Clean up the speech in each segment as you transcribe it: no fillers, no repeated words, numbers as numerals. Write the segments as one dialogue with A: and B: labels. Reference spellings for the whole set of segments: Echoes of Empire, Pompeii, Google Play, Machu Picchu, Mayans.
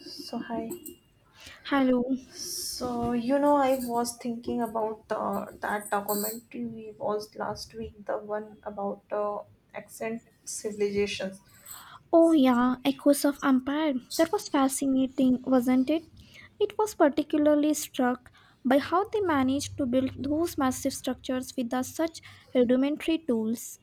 A: So hi.
B: Hello.
A: So I was thinking about that documentary we watched last week, the one about ancient civilizations.
B: Oh, yeah, Echoes of Empire. That was fascinating, wasn't it? It was particularly struck by how they managed to build those massive structures with the such rudimentary tools.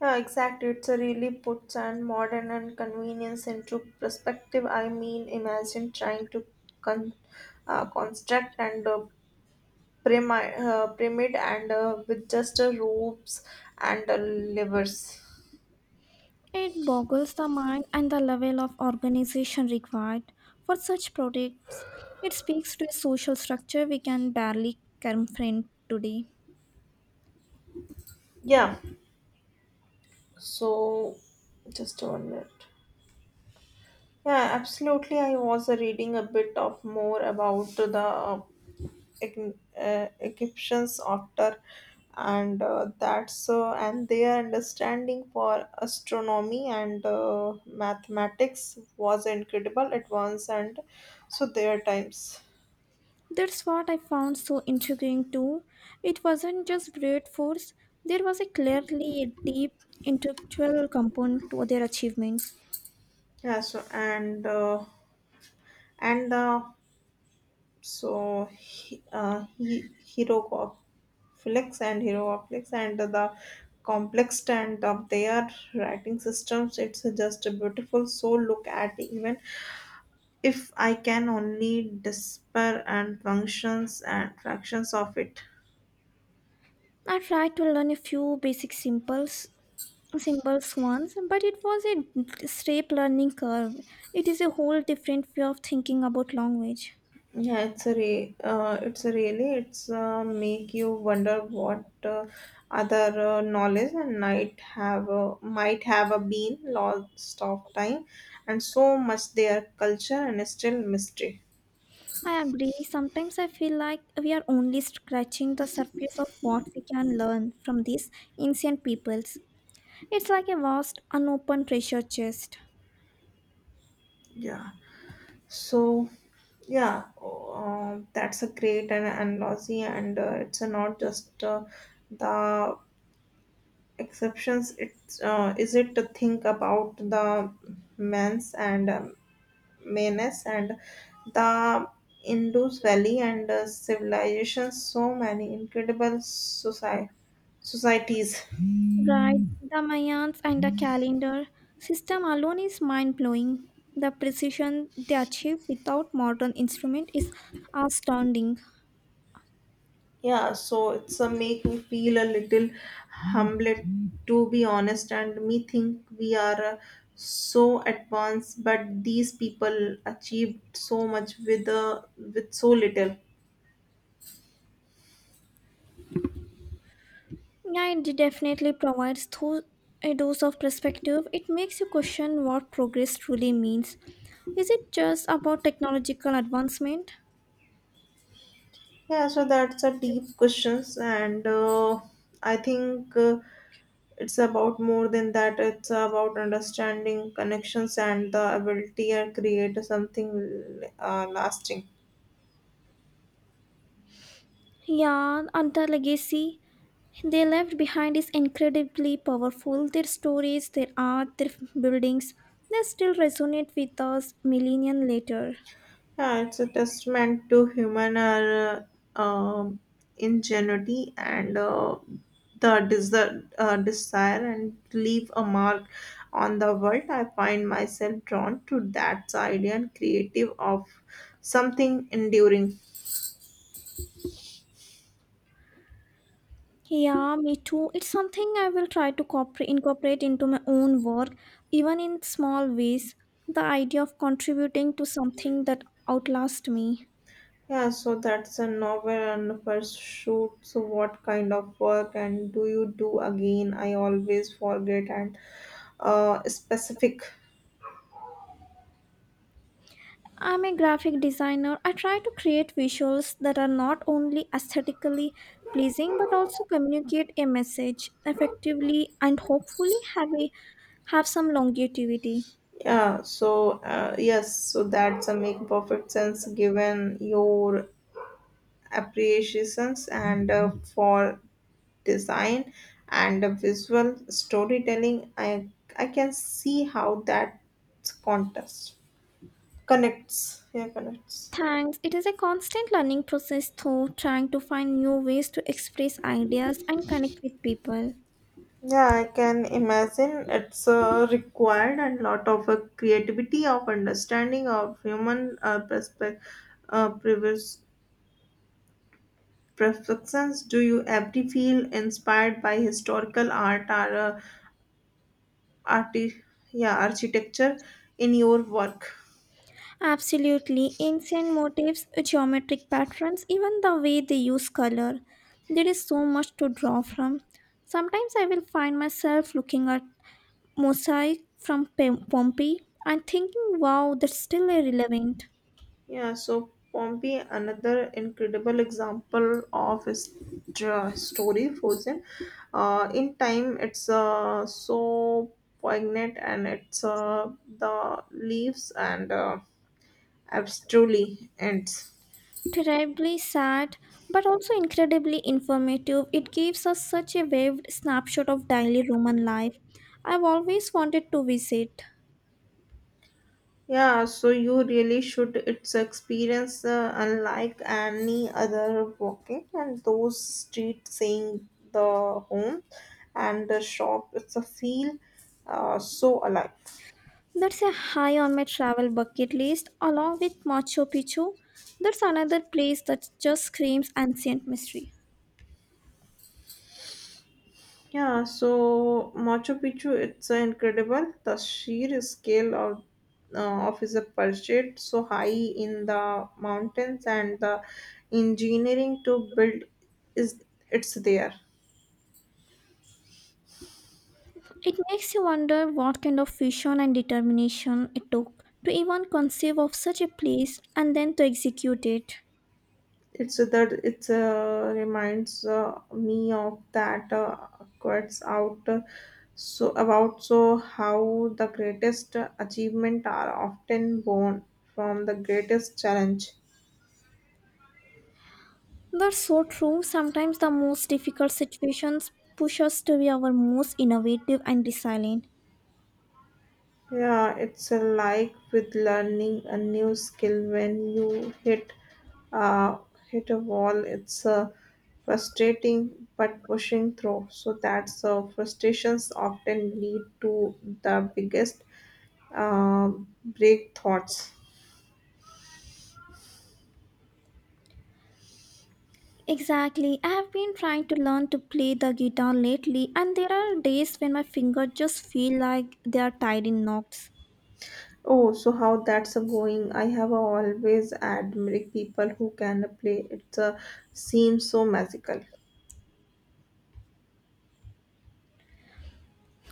A: Yeah, exactly. It's a really puts and modern and convenience into perspective. I mean, imagine trying to con- construct and pyramid and with just ropes and levers.
B: It boggles the mind and the level of organization required for such projects. It speaks to a social structure we can barely confront today.
A: Yeah. So, just 1 minute. Yeah, absolutely. I was reading a bit of more about the Egyptians after and that's and their understanding for astronomy and mathematics was incredible advance and so their times.
B: That's what I found so intriguing too. It wasn't just brute force, there was a clearly deep intellectual component to their achievements.
A: Yeah, so and the so he hero flex and the complex and of their writing systems, it's just beautiful, so look at even if I can only despair and functions and fractions of it.
B: I tried to learn a few basic symbols once, but it was a steep learning curve. It is a whole different way of thinking about language.
A: Yeah, it's a really it's make you wonder what other knowledge and might have been lost of time, and so much their culture and still mystery.
B: I agree, sometimes I feel like we are only scratching the surface of what we can learn from these ancient peoples. It's like a vast, unopened treasure chest.
A: Yeah. So yeah, that's a great and lossy, and it's not just the exceptions. It's is it to think about the men's and Menes and the Indus Valley and civilizations, so many incredible societies.
B: Right, the Mayans and the calendar system alone is mind blowing. The precision they achieve without modern instrument is astounding.
A: Yeah, so it's a make me feel a little humbled, to be honest, and me think we are so advanced, but these people achieved so much with so little.
B: Yeah, it definitely provides a dose of perspective. It makes you question what progress truly means. Is it just about technological advancement?
A: Yeah, so that's a deep questions, and I think. It's about more than that. It's about understanding connections and the ability to create something lasting.
B: Yeah, and the legacy they left behind is incredibly powerful. Their stories, their art, their buildings, they still resonate with us millennia later.
A: Yeah, it's a testament to human um, ingenuity and the desire and leave a mark on the world. I find myself drawn to that idea and creative of something enduring.
B: Yeah, me too. It's something I will try to incorporate into my own work, even in small ways. The idea of contributing to something that outlasts me.
A: Yeah, so that's a novel and pursuit. So, what kind of work and do you do again? I always forget and specific.
B: I'm a graphic designer. I try to create visuals that are not only aesthetically pleasing but also communicate a message effectively and hopefully have some longevity.
A: Yeah, so yes, so that's a make perfect sense given your appreciations and for design and visual storytelling. I can see how that contest connects. Yeah, connects.
B: Thanks. It is a constant learning process though, trying to find new ways to express ideas and connect with people.
A: Yeah, I can imagine it's required and lot of creativity of understanding of human perspective, previous perfections. Do you ever feel inspired by historical art or arti- yeah, architecture in your work?
B: Absolutely. Ancient motifs, geometric patterns, even the way they use color. There is so much to draw from. Sometimes I will find myself looking at mosaic from Pompeii and thinking, wow, that's still relevant.
A: Yeah, so Pompey, another incredible example of a story frozen in time. It's so poignant, and it's the leaves and abstractly ends.
B: Terribly sad, but also incredibly informative. It gives us such a vivid snapshot of daily Roman life. I've always wanted to visit.
A: Yeah, so you really should. It's experience unlike any other walking and those streets, seeing the home and the shop. It's a feel so alive.
B: That's a high on my travel bucket list, along with Machu Picchu. That's another place that just screams ancient mystery.
A: Yeah, so Machu Picchu, it's incredible. The sheer scale of its project so high in the mountains, and the engineering to build is it's there.
B: It makes you wonder what kind of vision and determination it took to even conceive of such a place and then to execute it.
A: It's that it's reminds me of that quotes out so about so how the greatest achievement are often born from the greatest challenge.
B: That's so true. Sometimes the most difficult situations push us to be our most innovative and resilient.
A: Yeah, it's like with learning a new skill when you uh, hit a wall. It's frustrating, but pushing through. So that's frustrations often lead to the biggest uh, break thoughts.
B: Exactly. I have been trying to learn to play the guitar lately, and there are days when my fingers just feel like they are tied in knots.
A: Oh, so how that's going? I have always admired people who can play. It's seems so magical.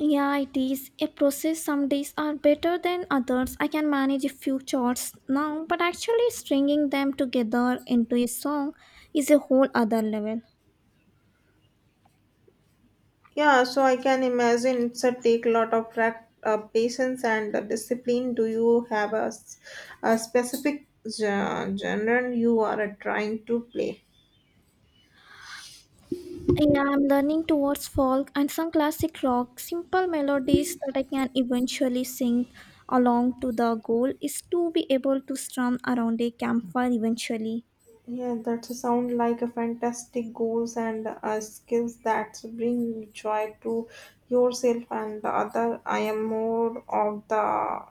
B: Yeah, it is a process. Some days are better than others. I can manage a few chords now, but actually stringing them together into a song is a whole other level.
A: Yeah, so I can imagine it's a take lot of patience and discipline. Do you have a, a specific genre you are trying to play?
B: Yeah, I'm learning towards folk and some classic rock, simple melodies that I can eventually sing along to. The goal is to be able to strum around a campfire eventually.
A: Yeah, that sounds like a fantastic goals and skills that bring joy to yourself and the other. I am more of the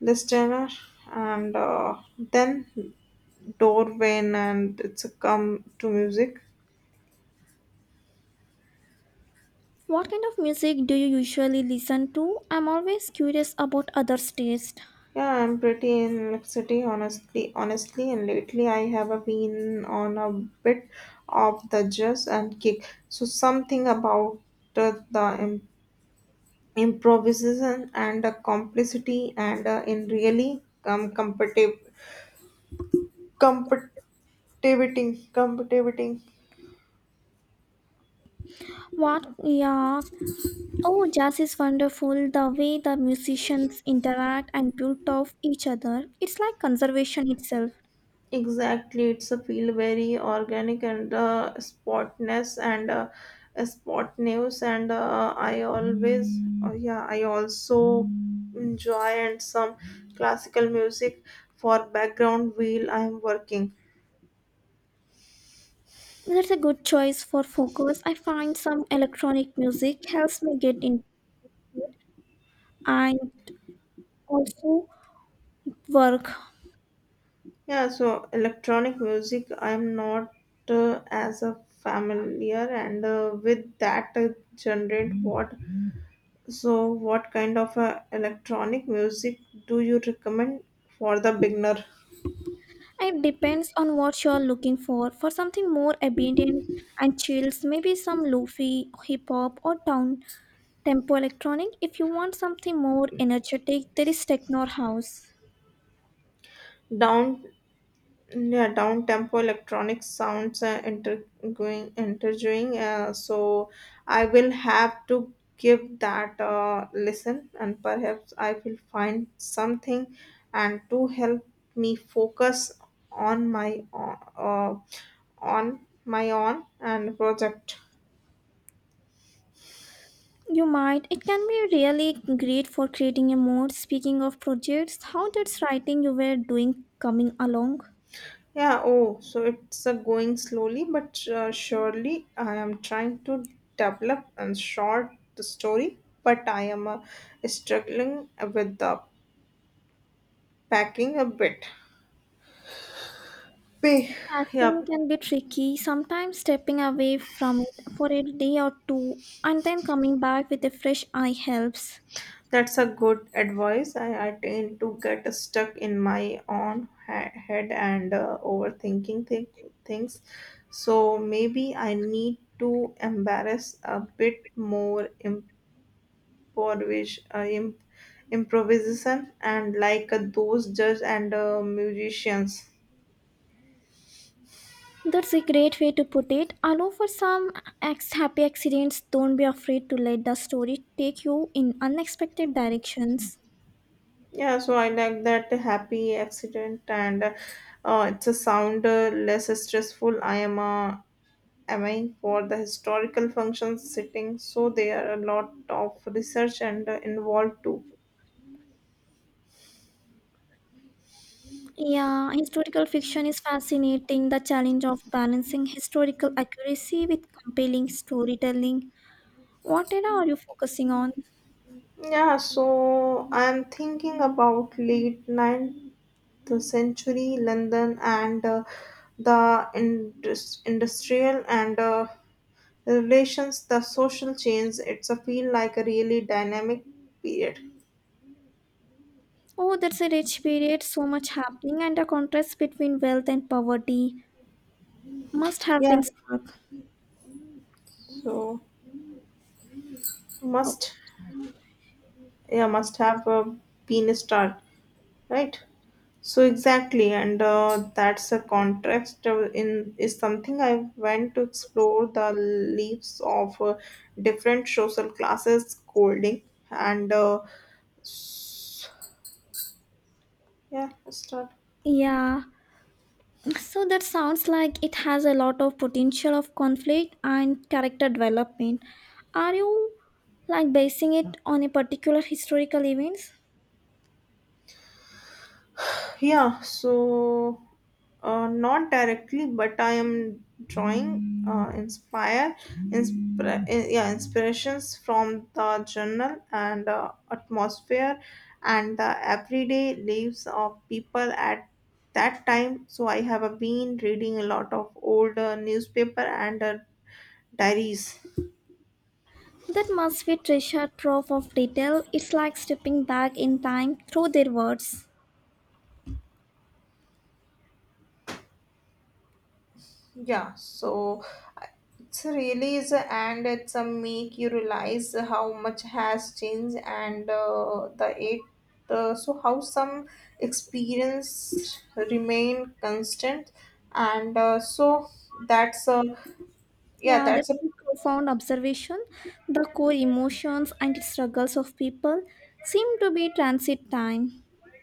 A: listener and then Dorwin and it's a come to music.
B: What kind of music do you usually listen to? I'm always curious about others' taste.
A: Yeah, I'm pretty in honestly, and lately I have a been on a bit of the jazz and kick. So something about the, the im- improvisation and the complicity and in really competitive, competitive.
B: What, yeah. Oh, jazz is wonderful. The way the musicians interact and build off each other, it's like conservation itself.
A: Exactly, it's a feel very organic and spot news and I always yeah I also enjoy and some classical music for background while I'm working.
B: That's a good choice for focus. I find some electronic music helps me get into it and also work.
A: Yeah, so electronic music I'm not as a familiar and with that generate what so what kind of electronic music do you recommend for the beginner?
B: It depends on what you're looking for. For something more ambient and chills, maybe some lofi, hip hop, or down tempo electronic. If you want something more energetic, there is techno or house.
A: Down yeah down tempo electronic sounds intergoing interviewing so I will have to give that listen and perhaps I will find something and to help me focus on uh, on my own and project.
B: You might. It can be really great for creating a mood. Speaking of projects, how did writing you were doing coming along?
A: Yeah, oh, so it's going slowly but surely. I am trying to develop and short the story, but I am struggling with the packing a bit. Pay. Yeah,
B: Passing can be tricky, sometimes stepping away from it for a day or two and then coming back with a fresh eye helps.
A: that's a good advice. I tend to get stuck in my own head and overthinking things. So maybe I need to embarrass a bit more Porridge, improvisation, and like those judge and musicians.
B: That's a great way to put it. Allow for some happy accidents. Don't be afraid to let the story take you in unexpected directions.
A: Yeah, so I like that happy accident, and it's a sound less stressful. I am aiming for the historical functions sitting, so there are a lot of research and involved too.
B: Yeah, historical fiction is fascinating. The challenge of balancing historical accuracy with compelling storytelling. What era are you focusing on?
A: Yeah, so I'm thinking about late 9th century London and the industrial and relations, the social change. It's a feel like a really dynamic period.
B: Oh, that's a rich period, so much happening, and the contrast between wealth and poverty must have
A: Yeah,
B: been stark.
A: so
B: Okay.
A: must yeah must have been a star, right? So exactly, and that's a context of- in is something I went to explore the leaves of different social classes holding and s- yeah, start.
B: Yeah, so that sounds like it has a lot of potential of conflict and character development. Are you like basing it on a particular historical events?
A: Yeah, so not directly, but I am drawing yeah inspirations from the journal and atmosphere and the everyday lives of people at that time. So I have been reading a lot of old newspaper and diaries.
B: That must be treasure trove of detail. It's like stepping back in time through their words.
A: Yeah, so it's really is, and it's a make you realize how much has changed and the it so how some experience remain constant and so that's a yeah
B: Yeah, that's
A: that's a
B: a profound observation. The core emotions and struggles of people seem to be transit time.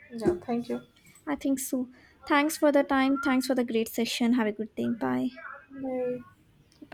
A: yeah, thank you,
B: I think so. Thanks for the time. Thanks for the great session. Have a good day. Bye.
A: bye.
B: Bye.